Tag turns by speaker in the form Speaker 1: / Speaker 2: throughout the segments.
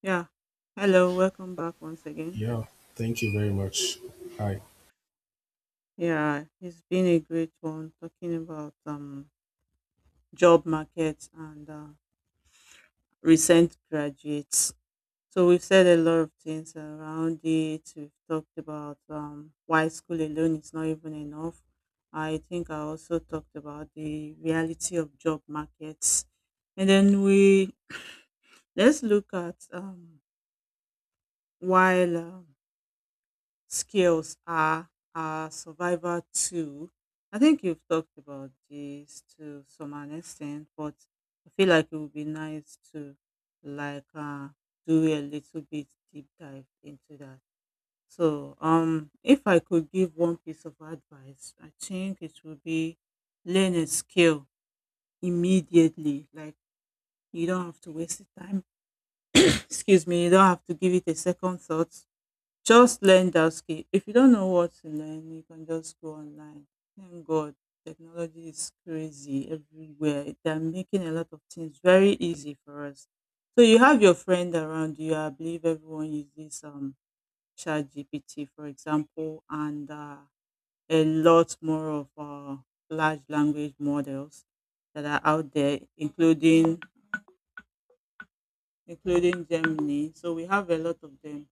Speaker 1: Yeah. Hello, welcome back once again.
Speaker 2: Yeah, thank you very much. Hi.
Speaker 1: Yeah, it's been a great one talking about job market and recent graduates. So we've said a lot of things around it. We've talked about why school alone is not even enough. I think I also talked about the reality of job markets, and then we let's look at while skills are our survival tool. I think you've talked about this to some an extent, but I feel like it would be nice to like uh, do a little bit deep dive into that. So, if I could give one piece of advice, I think it would be learn a skill immediately. Like you don't have to waste the time. Excuse me, you don't have to give it a second thought just learn that skill. If you don't know what to learn, you can just go online. Thank God, technology is crazy everywhere. They're making a lot of things very easy for us. So you have your friend around you. I believe everyone uses ChatGPT, for example, and a lot more of large language models that are out there, including Germany. So we have a lot of them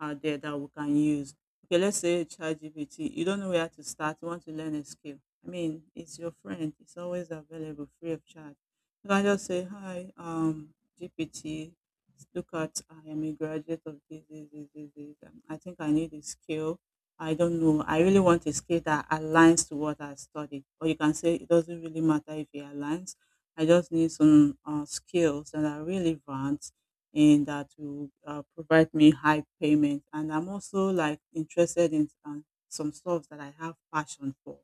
Speaker 1: out there that we can use. Okay, let's say ChatGPT, you don't know where to start, you want to learn a skill. I mean, it's your friend, it's always available free of charge. You can just say, hi, GPT, look at I am a graduate of this, this, this, this, this. I think I need a skill. I don't know. I really want a skill that aligns to what I studied. Or you can say it doesn't really matter if it aligns. I just need some skills that are relevant in that will provide me high payment. And I'm also like interested in some stuff that I have passion for.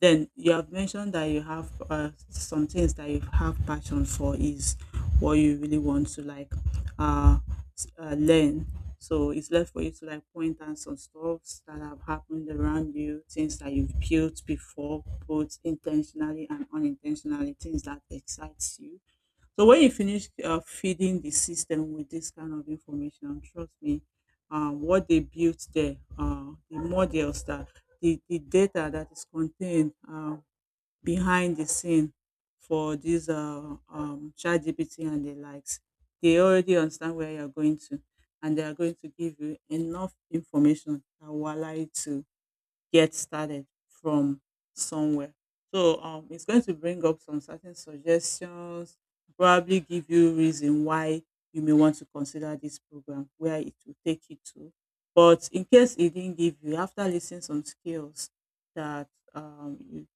Speaker 1: Then you have mentioned that you have some things that you have passion for is what you really want to uh, learn. So it's left for you to like point out some stuffs that have happened around you, things that you've built before, both intentionally and unintentionally, things that excites you so when you finish feeding the system with this kind of information, trust me, what they built there, the models that the data that is contained behind the scene for these chat GPT and the likes, they already understand where you're going to, and they are going to give you enough information that will allow you to get started from somewhere. So it's going to bring up some certain suggestions, probably give you reason why you may want to consider this program, where it will take you to. But in case it didn't give you, after listing some skills that um, you,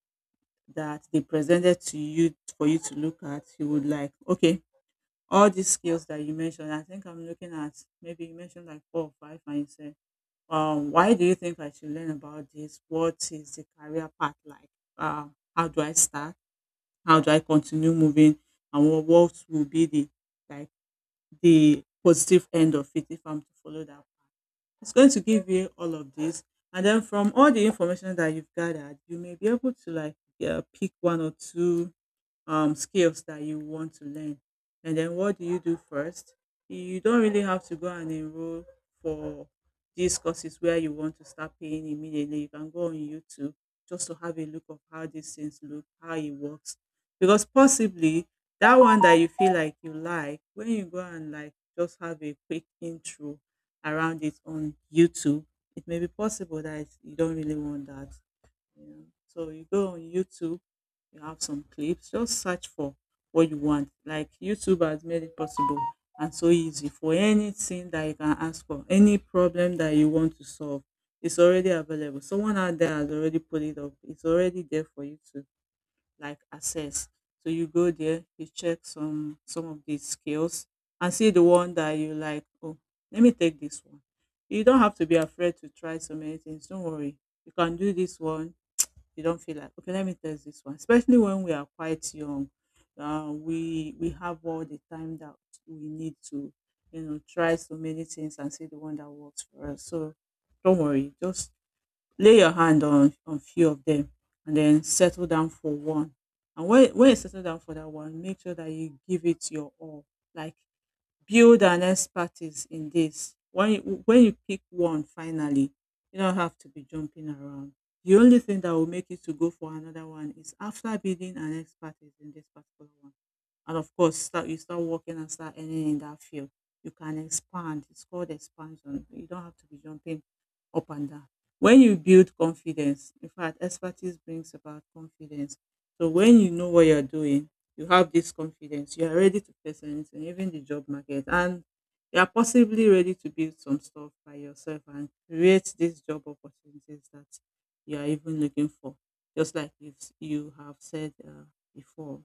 Speaker 1: that they presented to you for you to look at, you would like, okay, all these skills that you mentioned, I think I'm looking at maybe you mentioned like four or five, and you said why do you think I should learn about this? What is the career path like? Uh, how do I start? How do I continue moving? And what will be the like the positive end of it if I'm to follow that path? It's going to give you all of this, and then from all the information that you've gathered, you may be able to like yeah, pick one or two skills that you want to learn. And then what do you do first? You don't really have to go and enroll for these courses where you want to start paying immediately. You can go on YouTube just to have a look of how these things look, how it works. Because possibly that one that you feel like you like, when you go and like just have a quick intro around it on YouTube, it may be possible that you don't really want that. Yeah. So you go on YouTube, you have some clips, just search for what you want. Like YouTube has made it possible and so easy for anything that you can ask for, any problem that you want to solve. It's already available. Someone out there has already put it up. It's already there for you to like access. So you go there, you check some of these skills and see the one that you like. Oh, let me take this one. You don't have to be afraid to try so many things. Don't worry. You can do this one you don't feel like, okay, let me test this one. Especially when we are quite young, we have all the time that we need to, you know, try so many things and see the one that works for us. So don't worry, just lay your hand on few of them and then settle down for one. And when you settle down for that one, make sure that you give it your all. Like build an expertise in this. When you pick one finally, you don't have to be jumping around. The only thing that will make you to go for another one is after building an expertise in this particular one. And of course, start you start working and start earning in that field. You can expand. It's called expansion. You don't have to be jumping up and down. When you build confidence, in fact, expertise brings about confidence. So when you know what you're doing, you have this confidence you are ready to face anything even the job market and you are possibly ready to build some stuff by yourself and create these job opportunities that you are even looking for just like you have said before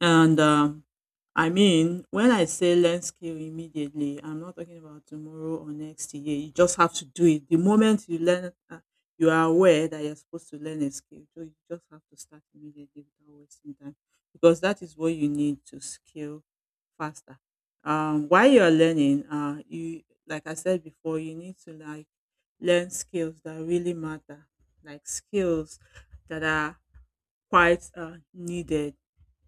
Speaker 1: and, I mean, when I say learn skill immediately, I'm not talking about tomorrow or next year. You just have to do it. The moment you learn, you are aware that you're supposed to learn a skill. So you just have to start immediately without wasting time because that is what you need to scale faster. While you're learning, you like I said before, you need to like learn skills that really matter, like skills that are quite needed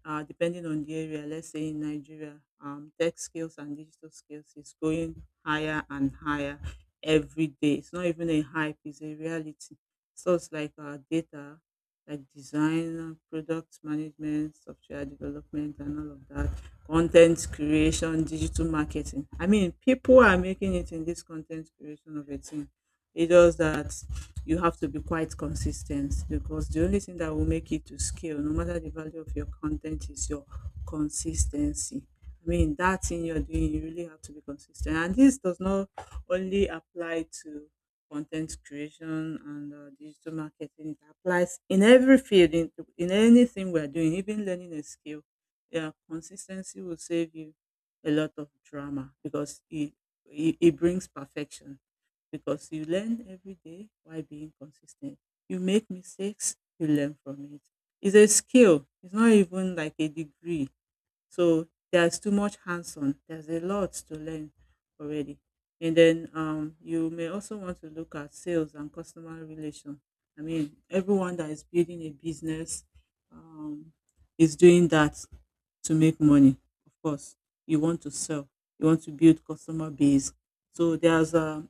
Speaker 1: depending on the area, let's say in Nigeria, tech skills and digital skills is going higher and higher every day. It's not even a hype, it's a reality. So like data, like design, product management, software development, and all of that, content creation, digital marketing. I mean, people are making it in this content creation of a thing. It's just that you have to be quite consistent because the only thing that will make it to scale, no matter the value of your content, is your consistency. I mean, that thing you're doing, you really have to be consistent. And this does not only apply to content creation and digital marketing, it applies in every field, in anything we're doing, even learning a skill. Yeah, consistency will save you a lot of drama because it brings perfection because you learn every day while being consistent. You make mistakes, you learn from it. It's a skill, it's not even like a degree. So there's too much hands on, there's a lot to learn already. And then you may also want to look at sales and customer relation. I mean, everyone that is building a business um, is doing that to make money. Of course, you want to sell, you want to build customer base. So there's a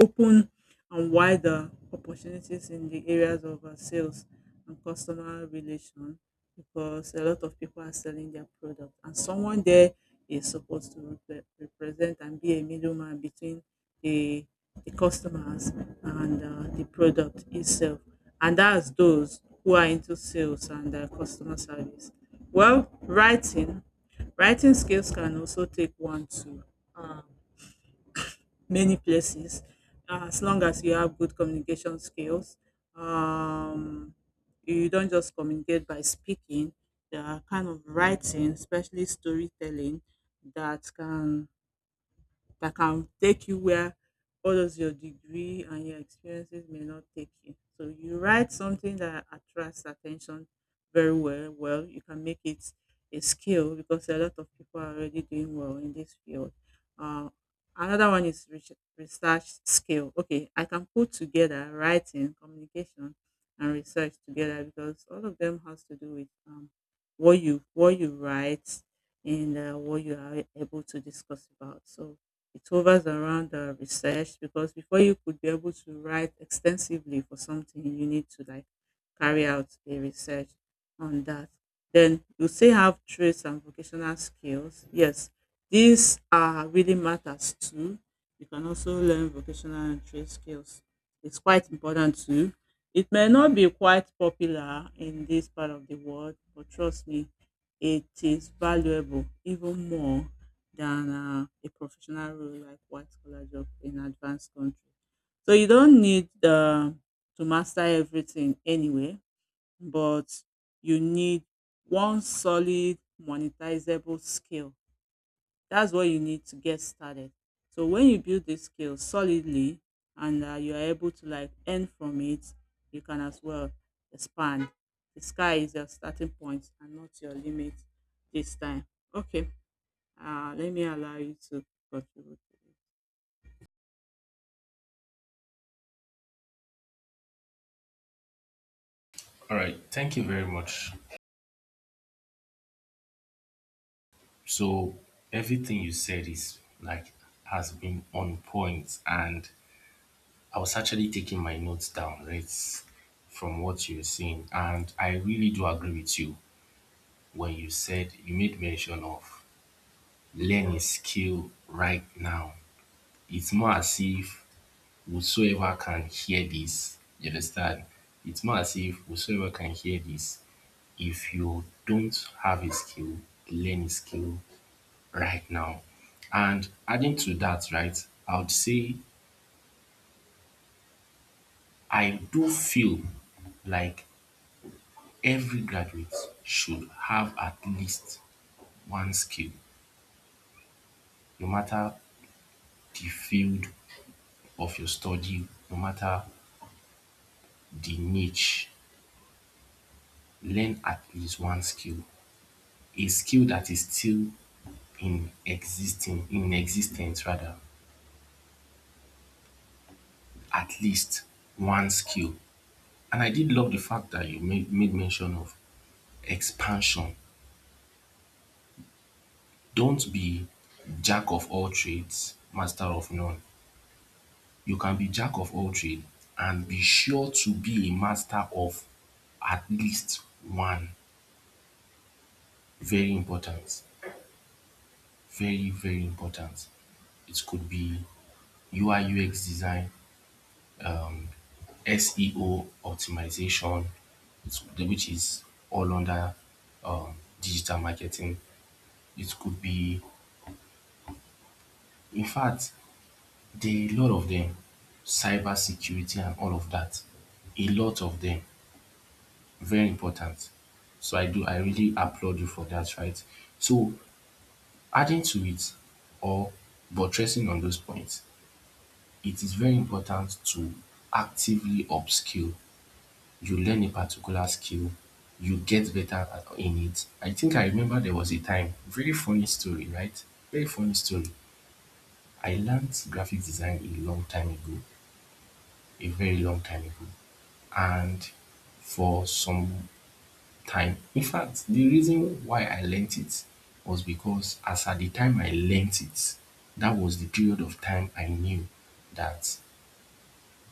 Speaker 1: open and wider opportunities in the areas of sales and customer relation because a lot of people are selling their product and someone there is supposed to represent and be a middleman between the, the customers and the product itself and that's those who are into sales and customer service well writing skills can also take one to many places as long as you have good communication skills um, you don't just communicate by speaking there are kind of writing especially storytelling that can that can take you where all those your degree and your experiences may not take you. So you write something that attracts attention very well. Well, you can make it a skill because a lot of people are already doing well in this field. Uh, another one is research skill. Okay, I can put together writing, communication, and research together because all of them has to do with what you write and what you are able to discuss about. So it hovers around research because before you could be able to write extensively for something, you need to like carry out a research on that. Then you say have traits and vocational skills. Yes, these are really matters too. You can also learn vocational and trade skills. It's quite important too. It may not be quite popular in this part of the world, but trust me, it is valuable even more than a professional role like white collar job in advanced country. So you don't need to master everything anyway, but you need one solid monetizable skill. That's what you need to get started. So when you build this skill solidly and you are able to like earn from it, you can as well expand. The sky is your starting point and not your limit this time. Okay. Let me allow you to contribute to
Speaker 2: All right, thank you very much. So everything you said is like has been on point, and I was actually taking my notes down, right, from what you were saying, and I really do agree with you when you said you made mention of learning skill right now. It's more as if whosoever can hear this, you understand? It's more as if whosoever can hear this, if you don't have a skill, learn a skill right now. And adding to that, right, I would say I do feel like every graduate should have at least one skill, no matter the field of your study, no matter the niche, learn at least one skill. A skill that is still in existing, in existence rather, at least one skill. And I did love the fact that you made mention of expansion. Don't be jack of all trades, master of none. You can be jack of all trade and be sure to be a master of at least one. Very important. Very, very important. It could be UI UX design, um, SEO optimization, which is all under um, digital marketing. It could be, in fact, there are a lot of them, cyber security and all of that. A lot of them, very important. So I really applaud you for that, right? So adding to it or buttressing on those points, it is very important to actively upskill. You learn a particular skill, you get better in it. I think I remember there was a time, very funny story, right? Very funny story. I learned graphic design a long time ago, a very long time ago. And for some time, in fact, the reason why I learnt it was because as at the time I learnt it, that was the period of time I knew that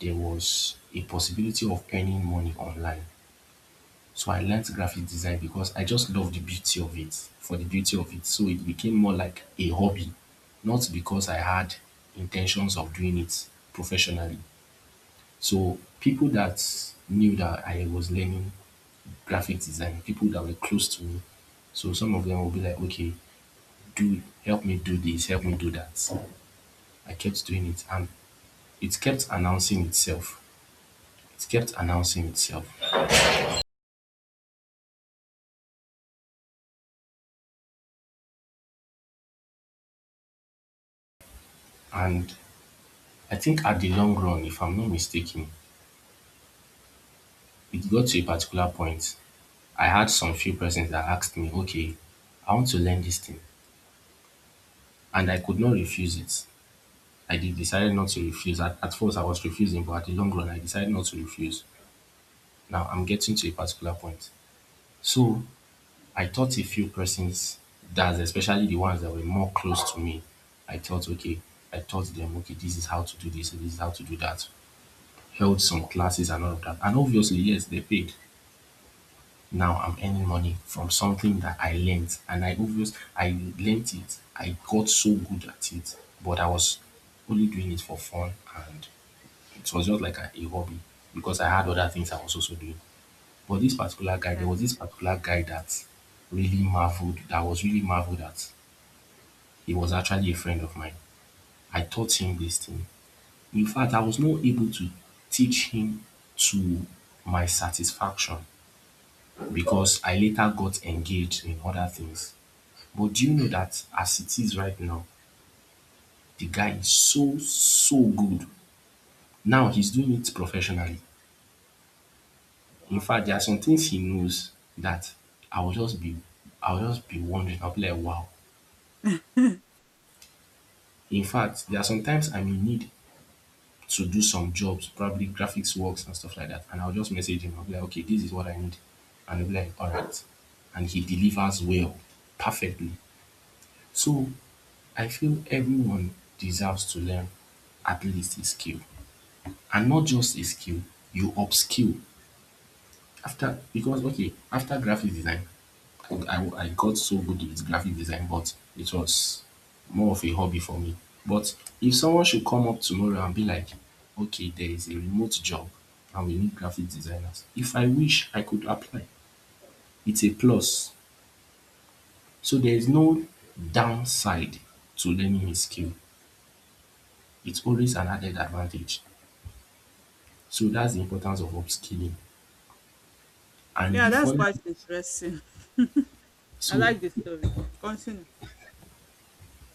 Speaker 2: there was a possibility of earning money online. So I learned graphic design because I just love the beauty of it, for the beauty of it. So it became more like a hobby, not because I had intentions of doing it professionally. So people that knew that I was learning graphic design, people that were close to me, so some of them will be like, okay, do help me do this, help me do that. I kept doing it and it kept announcing itself. It kept announcing itself. And I think at the long run, if I'm not mistaken, it got to a particular point, I had some few persons that asked me, okay, I want to learn this thing. And I could not refuse it. I did decided not to refuse. At first, I was refusing, but at the long run, I decided not to refuse. Now, I'm getting to a particular point. So, I taught a few persons, that's especially the ones that were more close to me. I thought, okay, I taught them, okay, this is how to do this, and this is how to do that. Held some classes and all of that. And obviously, yes, they paid. Now I'm earning money from something that I learned and I learned it, I got so good at it, but I was only doing it for fun, and it was just like a hobby because I had other things I was also doing. But
Speaker 1: it. Yeah.
Speaker 2: this particular guy that really marveled at, he was actually a friend of mine. I taught him this thing. In fact, I was not able to teach him to my satisfaction because I later got engaged in other things. But do you know that as it is right now, the guy is so, so good. Now he's doing it professionally. In
Speaker 1: Wow.
Speaker 2: fact, there are some things he knows that I will just be I will just be wondering. I'll be like, wow. In fact, there are sometimes I may need to do some jobs, probably graphics works and stuff like that. And I'll just message him. I'll be like, okay, this is what I need. And he'll be like, all right. And he delivers well, perfectly. So I feel everyone deserves to learn at least a skill. And not just a skill, you upskill after. Because okay, after graphic design, I got so good with graphic design, but it was more of a hobby for me. But if someone should come up tomorrow and be like, okay, there is a remote job and we need graphic designers, if I wish I could apply, it's a plus. So there is no downside to learning a skill, it's always an added advantage. So that's the importance of upskilling and the
Speaker 1: Yeah, that's
Speaker 2: fun.
Speaker 1: quite interesting. I
Speaker 2: So
Speaker 1: like the story. Continue.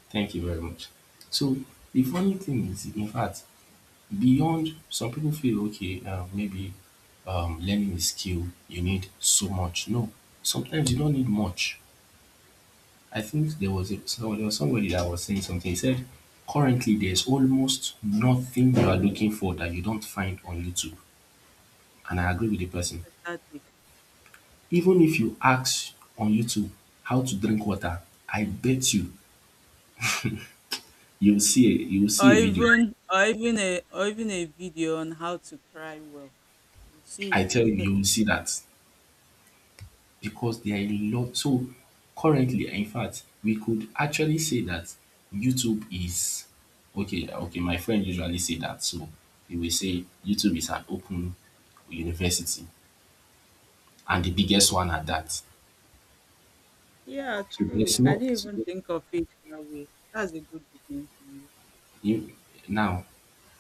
Speaker 2: thank you very much. So the funny thing is, in fact, beyond some people feel okay, maybe learning a skill, you need so much. No, sometimes you don't need much. I think there was so there was somebody that was saying something. He said, currently there's almost nothing you are looking for that you don't find on YouTube. And I agree with the person.
Speaker 1: Exactly.
Speaker 2: Even if you ask on YouTube how to drink water, I bet you you'll see
Speaker 1: Or
Speaker 2: a video.
Speaker 1: even or even a video on how to cry well. You see
Speaker 2: I
Speaker 1: it
Speaker 2: tell
Speaker 1: is
Speaker 2: you,
Speaker 1: there.
Speaker 2: you'll see that. Because there are a lot. So currently, in fact, we could actually say that YouTube is okay. Okay, my friend usually say that, so he will say YouTube is an open university and the biggest one at that.
Speaker 1: Yeah,
Speaker 2: So
Speaker 1: true.
Speaker 2: there's
Speaker 1: I
Speaker 2: no
Speaker 1: didn't
Speaker 2: so
Speaker 1: even think of it that way. That's a good definition.
Speaker 2: you, now.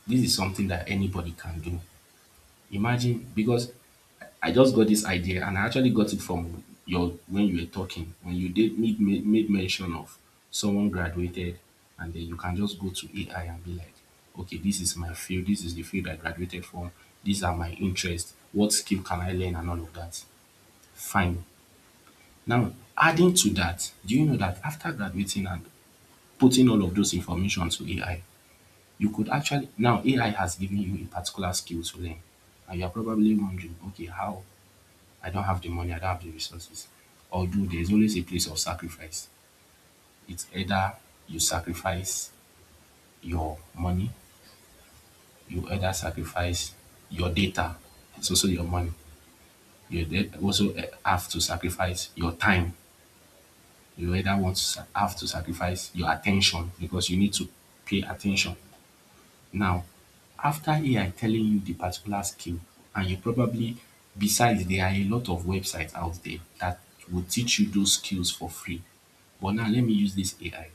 Speaker 2: This is something that anybody can do. Imagine, because I just got this idea, and I actually got it from your when you were talking, when you did made mention of someone graduated, and then you can just go to AI and be like, okay, this is my field, this is the field I graduated from, these are my interests, what skill can I learn, and all of that. Fine. Now, adding to that, do you know that after graduating and putting all of those information to AI, you could actually now AI has given you a particular skill to learn, and you are probably wondering, okay, how, I don't have the money, I don't have the resources. Although there's always a place of sacrifice. It's either you sacrifice your money, you either sacrifice your data, it's also your money. You also have to sacrifice your time. You either want to have to sacrifice your attention because you need to pay attention. Now, after AI telling you the particular skill, and you probably, besides, there are a lot of websites out there that will teach you those skills for free. But now let me use this AI.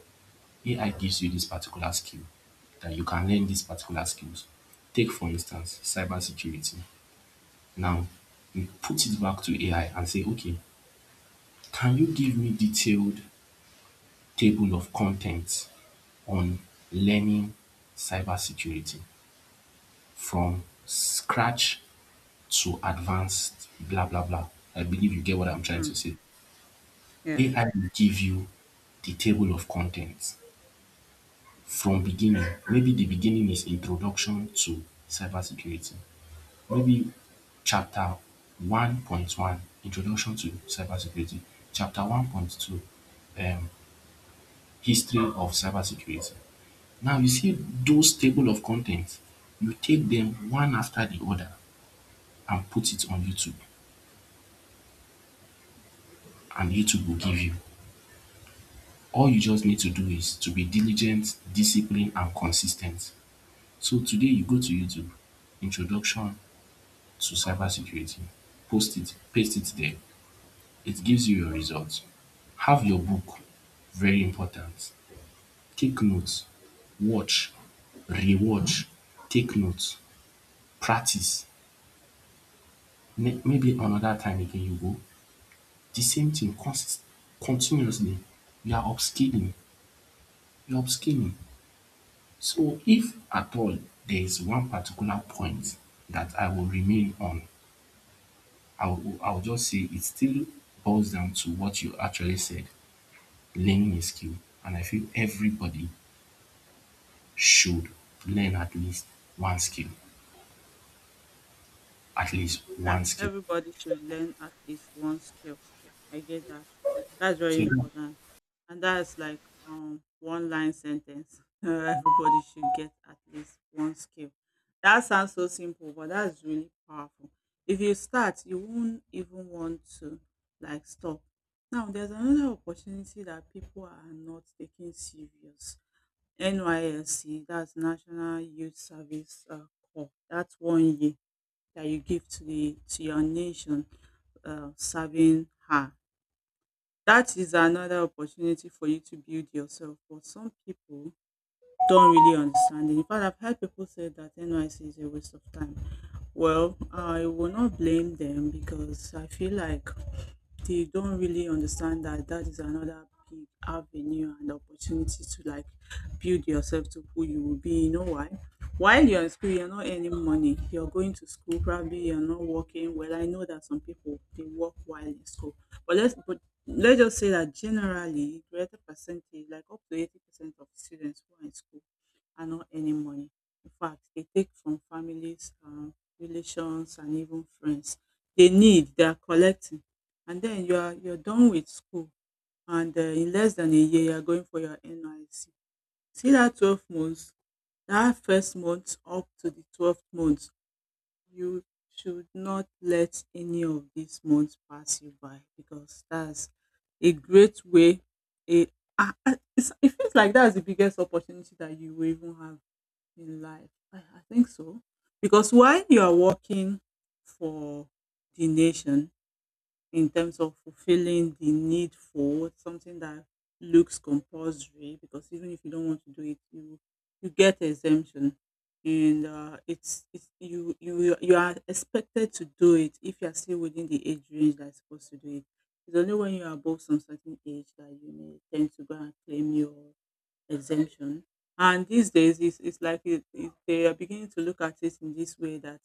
Speaker 2: AI gives you this particular skill that you can learn, these particular skills. Take for instance cyber security. Now, you put it back to AI and say, okay, can you give me detailed table of contents on learning cyber security from scratch to advanced, blah, blah, blah. I believe you get what I'm trying to
Speaker 1: Mm,
Speaker 2: say.
Speaker 1: yeah, yeah.
Speaker 2: AI will give you the table of contents from beginning. Maybe the beginning is introduction to cybersecurity. Maybe chapter 1.1, introduction to cybersecurity. Chapter 1.2, history of cybersecurity. Now you see those table of contents, you take them one after the other and put it on YouTube, and YouTube will give you. All you just need to do is to be diligent, disciplined, and consistent. So today you go to YouTube, introduction to cybersecurity, post it, paste it there. It gives you your results. Have your book, very important. Take notes, watch, rewatch, take notes, practice. Maybe another time again you go, the same thing continuously. You are upskilling, you are upskilling. So if at all there is one particular point that I will remain on, I will just say it still boils down to what you actually said. Learning a skill, and I feel everybody should learn at least one skill, at least
Speaker 1: Yeah,
Speaker 2: one skill.
Speaker 1: everybody should learn at least one skill. I get that. That's very
Speaker 2: So
Speaker 1: important. And that's like one line sentence. Everybody should get at least one skill. That sounds so simple, but that's really powerful. If you start, you won't even want to like stop. Now there's another opportunity that people are not taking serious. NYSC, that's National Youth Service Corps. That's one year that you give to the to your nation serving her. That is another opportunity for you to build yourself. But some people don't really understand it. In fact, I've heard people say that NYC is a waste of time. Well, I will not blame them because I feel like they don't really understand that that is another big avenue and opportunity to like build yourself to who you will be. You know why? While you're in school, you're not earning money. You're going to school, probably you're not working. Well, I know that some people they work while in school, but let's just say that generally greater percentage, like up to 80% of students who are in school are not earning money. In fact, they take from families, relations, and even friends. They need, they are collecting. And then you're done with school, and in less than a year, you're going for your NIC. See that 12 months, that first month up to the 12th month, you should not let any of these months pass you by because that's a great way. A, it's, it feels like that's the biggest opportunity that you will even have in life. I think so. Because while you are working for the nation, in terms of fulfilling the need for something that looks compulsory, because even if you don't want to do it, you get exemption, and it's you are expected to do it if you are still within the age range that's supposed to do it. It's only when you're above some certain age that you may tend to go and claim your exemption. And these days, it's like they are beginning to look at it in this way that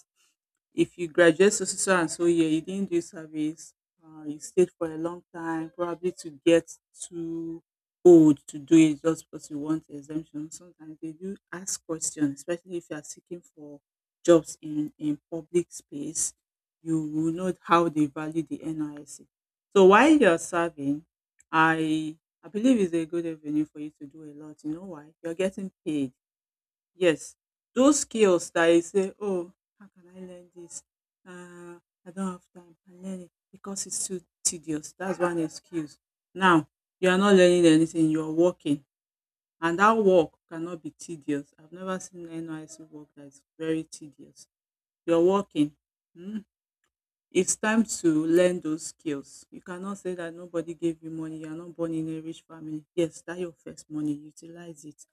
Speaker 1: if you graduate so so so and so year, you didn't do service. You stayed for a long time, probably to get too old to do it just because you want exemption. Sometimes they do ask questions, especially if you are seeking for jobs in public space. You will know how they value the NISC. So while you're serving, i I believe it's a good avenue for you to do a lot. You know why? You're getting paid. Yes, those skills that you say, "Oh, how can I learn this? Uh, I don't have time. I learn it because it's too tedious." That's one excuse. Now, you are not learning anything, you are working, and that work cannot be tedious. I've never seen any work that is very tedious. You're working. Hmm? It's time to learn those skills. You cannot say that nobody gave you money, you are not born in a rich family. Yes, that your first money, utilize it.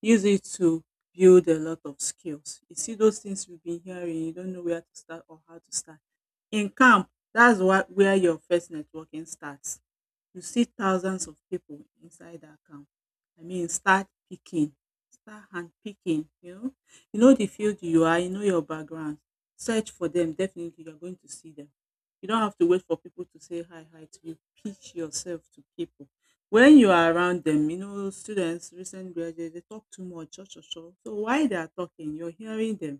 Speaker 1: Use it to build a lot of skills. You see those things we've been hearing, you don't know where to start or how to start. In camp, that's what where your first networking starts. You see thousands of pipu inside dat camp. I mean start picking, start hand picking you know. You know de field you are, you know your background, search for dem, definitely you are going to see dem. You don't have to wait for pipu to say hi hi to you, pitch yourself to pipu. Wen you are around dem, you know students, recent graduate dey talk too much cho cho cho. So while they are talking, you are hearing dem.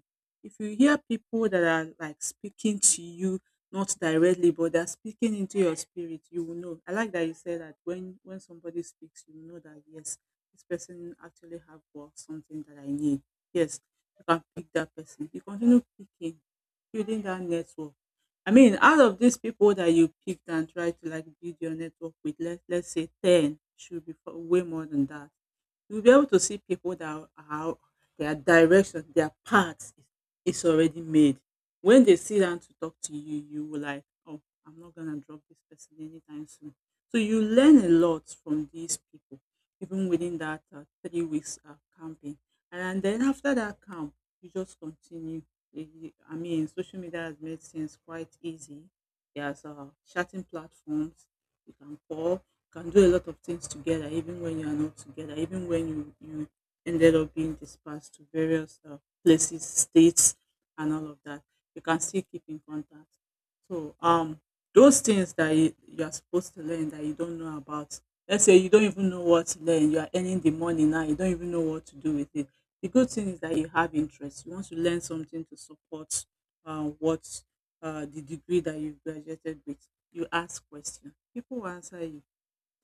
Speaker 1: If you hear pipu dat are like speaking to you not directly, but they're speaking into your spirit, you will know. I like that you said that when somebody speaks, you know that yes, this person actually have got something that I need. Yes, you can pick that person. You continue picking, building that network. I mean, out of these people that you picked and tried to like build your network with, let's say ten should be way more than that. You'll be able to see people that their direction, their path is already made. When they sit down to talk to you, you will like, "Oh, I'm not gonna drop this person anytime soon." So you learn a lot from these people, even within that 3 weeks camping. And then after that camp, you just continue. I mean, social media has made things quite easy. There's chatting platforms. You can call, you can do a lot of things together, even when you are not together, even when you ended up being dispersed to various places, states, and all of that, you can still keep in contact. So those things that you are supposed to learn that you don't know about. Let's say you don't even know what to learn. You are earning the money now. You don't even know what to do with it. The good thing is that you have interest. You want to learn something to support what the degree that you graduated with. You ask questions. People will answer you.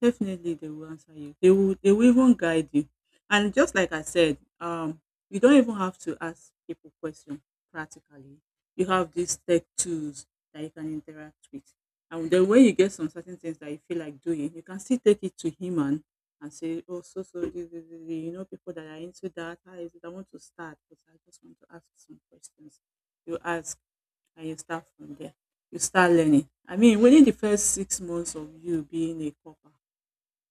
Speaker 1: Definitely they will answer you. They will even guide you. And just like I said, you don't even have to ask people questions practically. You have these tech tools that you can interact with. And then when you get some certain things that you feel like doing, you can still take it to him, and say, "Oh, so so this, you know people that are into that, how is it? I want to start, but I just want to ask some questions." You ask and you start from there. You start learning. I mean, within the first 6 months of you being a copper,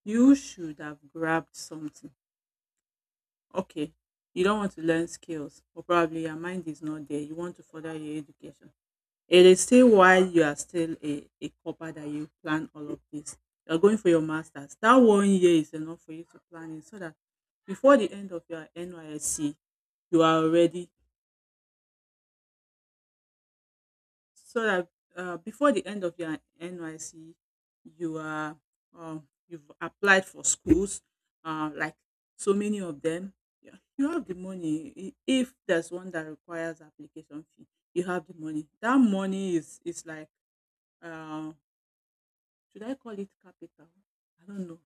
Speaker 1: you should have grabbed something. Okay. You don't want to learn skills, or probably your mind is not there. You want to further your education. It is still while you are still a copper that you plan all of this. You're going for your master's. That one year is enough for you to plan it so that before the end of your NYSC, you are already, so that before the end of your NYC, you are you've applied for schools, like so many of them. Yeah, you have the money. I- If there's one that requires application fee, you have the money. That money is like uh, should I call it capital? I don't know.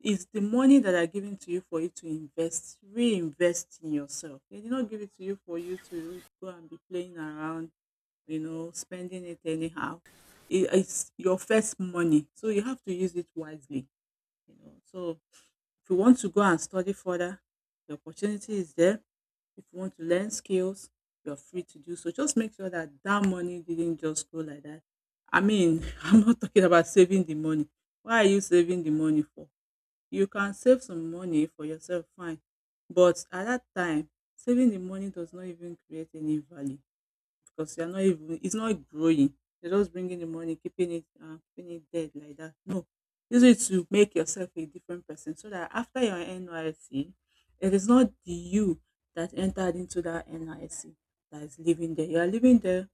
Speaker 1: It's the money that are given to you for you to invest, reinvest in yourself. They did not give it to you for you to go and be playing around, you know, spending it anyhow. It's your first money, so you have to use it wisely. You know, so if you want to go and study further, the opportunity is there. If you want to learn skills, you're free to do so. Just make sure that that money didn't just go like that. I mean, I'm not talking about saving the money. Why are you saving the money for? You can save some money for yourself, fine. But at that time, saving the money does not even create any value because you're not even it's not growing. You're just bringing the money, keeping it dead like that. No, use it to make yourself a different person, so that after your NYC, it is not the you that entered into that N.I.C. that is living there. You are living there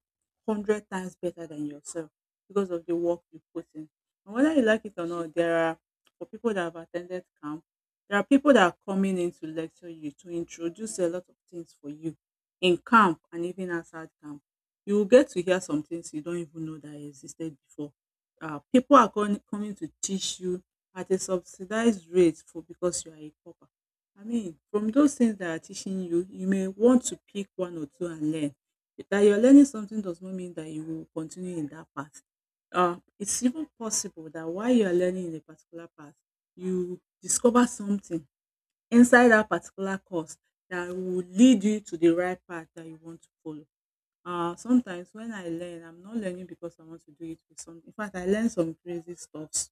Speaker 1: hundred times better than yourself because of the work you put in. And whether you like it or not, there are for people that have attended camp, there are people that are coming in to lecture you to introduce a lot of things for you in camp and even outside camp. You will get to hear some things you don't even know that existed before. People are coming to teach you at a subsidized rate for because you are a pauper. I mean, from those things that are teaching you, you may want to pick one or two and learn. That you're learning something does not mean that you will continue in that path. It's even possible that while you are learning in a particular path, you discover something inside that particular course that will lead you to the right path that you want to follow. Sometimes when I learn, I'm not learning because I want to do it with some. In fact, I learn some crazy stuffs.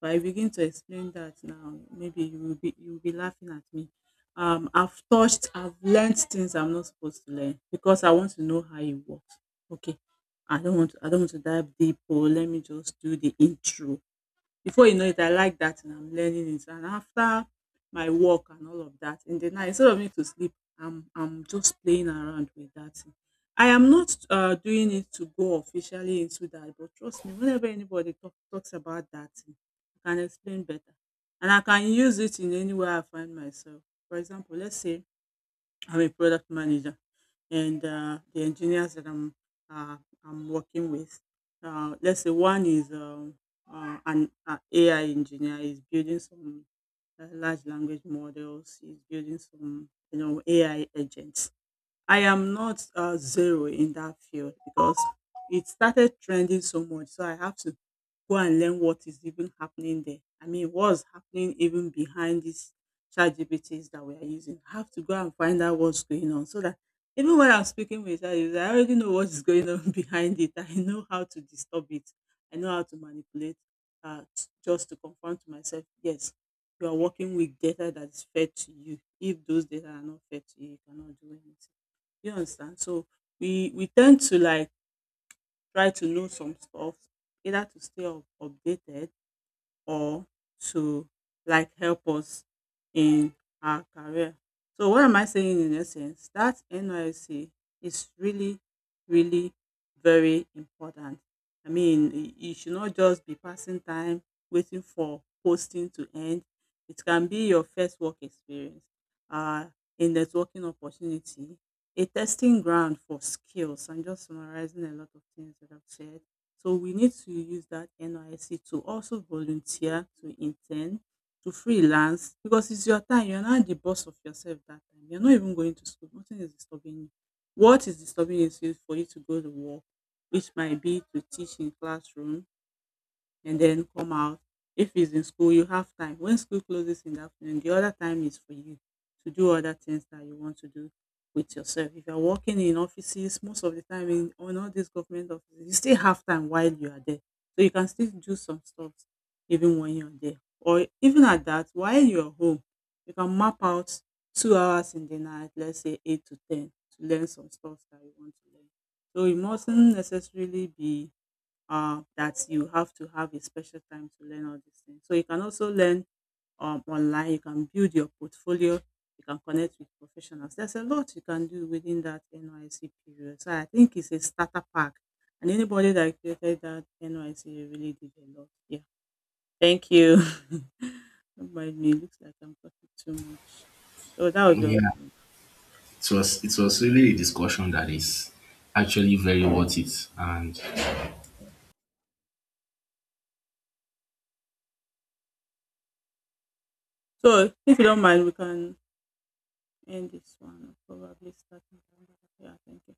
Speaker 1: But I begin to explain that now. Maybe you will be laughing at me. I've touched, I've learned things I'm not supposed to learn because I want to know how it works. Okay, I don't want to dive deep. Or let me just do the intro. Before you know it, I like that and I'm learning it. And after my work and all of that, in the night, instead of me to sleep, I'm just playing around with that thing. I am not doing it to go officially into that, but trust me, whenever anybody talks about that thing, I can explain better. And I can use it in any way I find myself. For example, let's say I'm a product manager, and the engineers that uh, I'm working with, let's say one is an AI engineer is building some large language models, is building some AI agents. I am not zero in that field because it started trending so much. So I have to go and learn what is even happening there. I mean, what's happening even behind these chat GPTs that we are using. I have to go and find out what's going on so that even when I'm speaking with chat GPT, I already know what is going on behind it. I know how to disturb it. I know how to manipulate just to confirm to myself, yes, you are working with data that is fed to you. If those data are not fed to you, you cannot do anything. You understand? So we tend to like try to know some stuff either to stay up updated or to like help us in our career. So what am I saying in essence? That NYC is really, really very important. I mean, you should not just be passing time waiting for posting to end. It can be your first work experience, uh, a networking opportunity, a testing ground for skills. I'm just summarizing a lot of things that I've said, so we need to use that NYSC to also volunteer, to intern, to freelance because it's your time. You're not the boss of yourself that time. You're not even going to school. Nothing is disturbing you. What is disturbing you is for you to go to work, which might be to teach in classroom, and then come out. If it's in school, you have time. When school closes in the afternoon, the other time is for you to do other things that you want to do with yourself. If you're working in offices, most of the time in on all these government offices, you still have time while you are there. So you can still do some stuff even when you're there. Or even at that, while you're home, you can map out 2 hours in the night, let's say 8 to 10, to learn some stuff that you want to learn. So it mustn't necessarily be that you have to have a special time to learn all these things. So you can also learn online. You can build your portfolio. You can connect with professionals. There's a lot you can do within that NYC period. So I think it's a starter pack. And anybody that created that NYC really did a lot. Yeah. Thank you. Don't mind me. It looks like I'm talking too much. So that would be all
Speaker 2: yeah,
Speaker 1: from me.
Speaker 2: it was really a discussion that is actually very worth it, and
Speaker 1: So if you don't mind, we can end this one. Probably starting. Yeah. Thank you.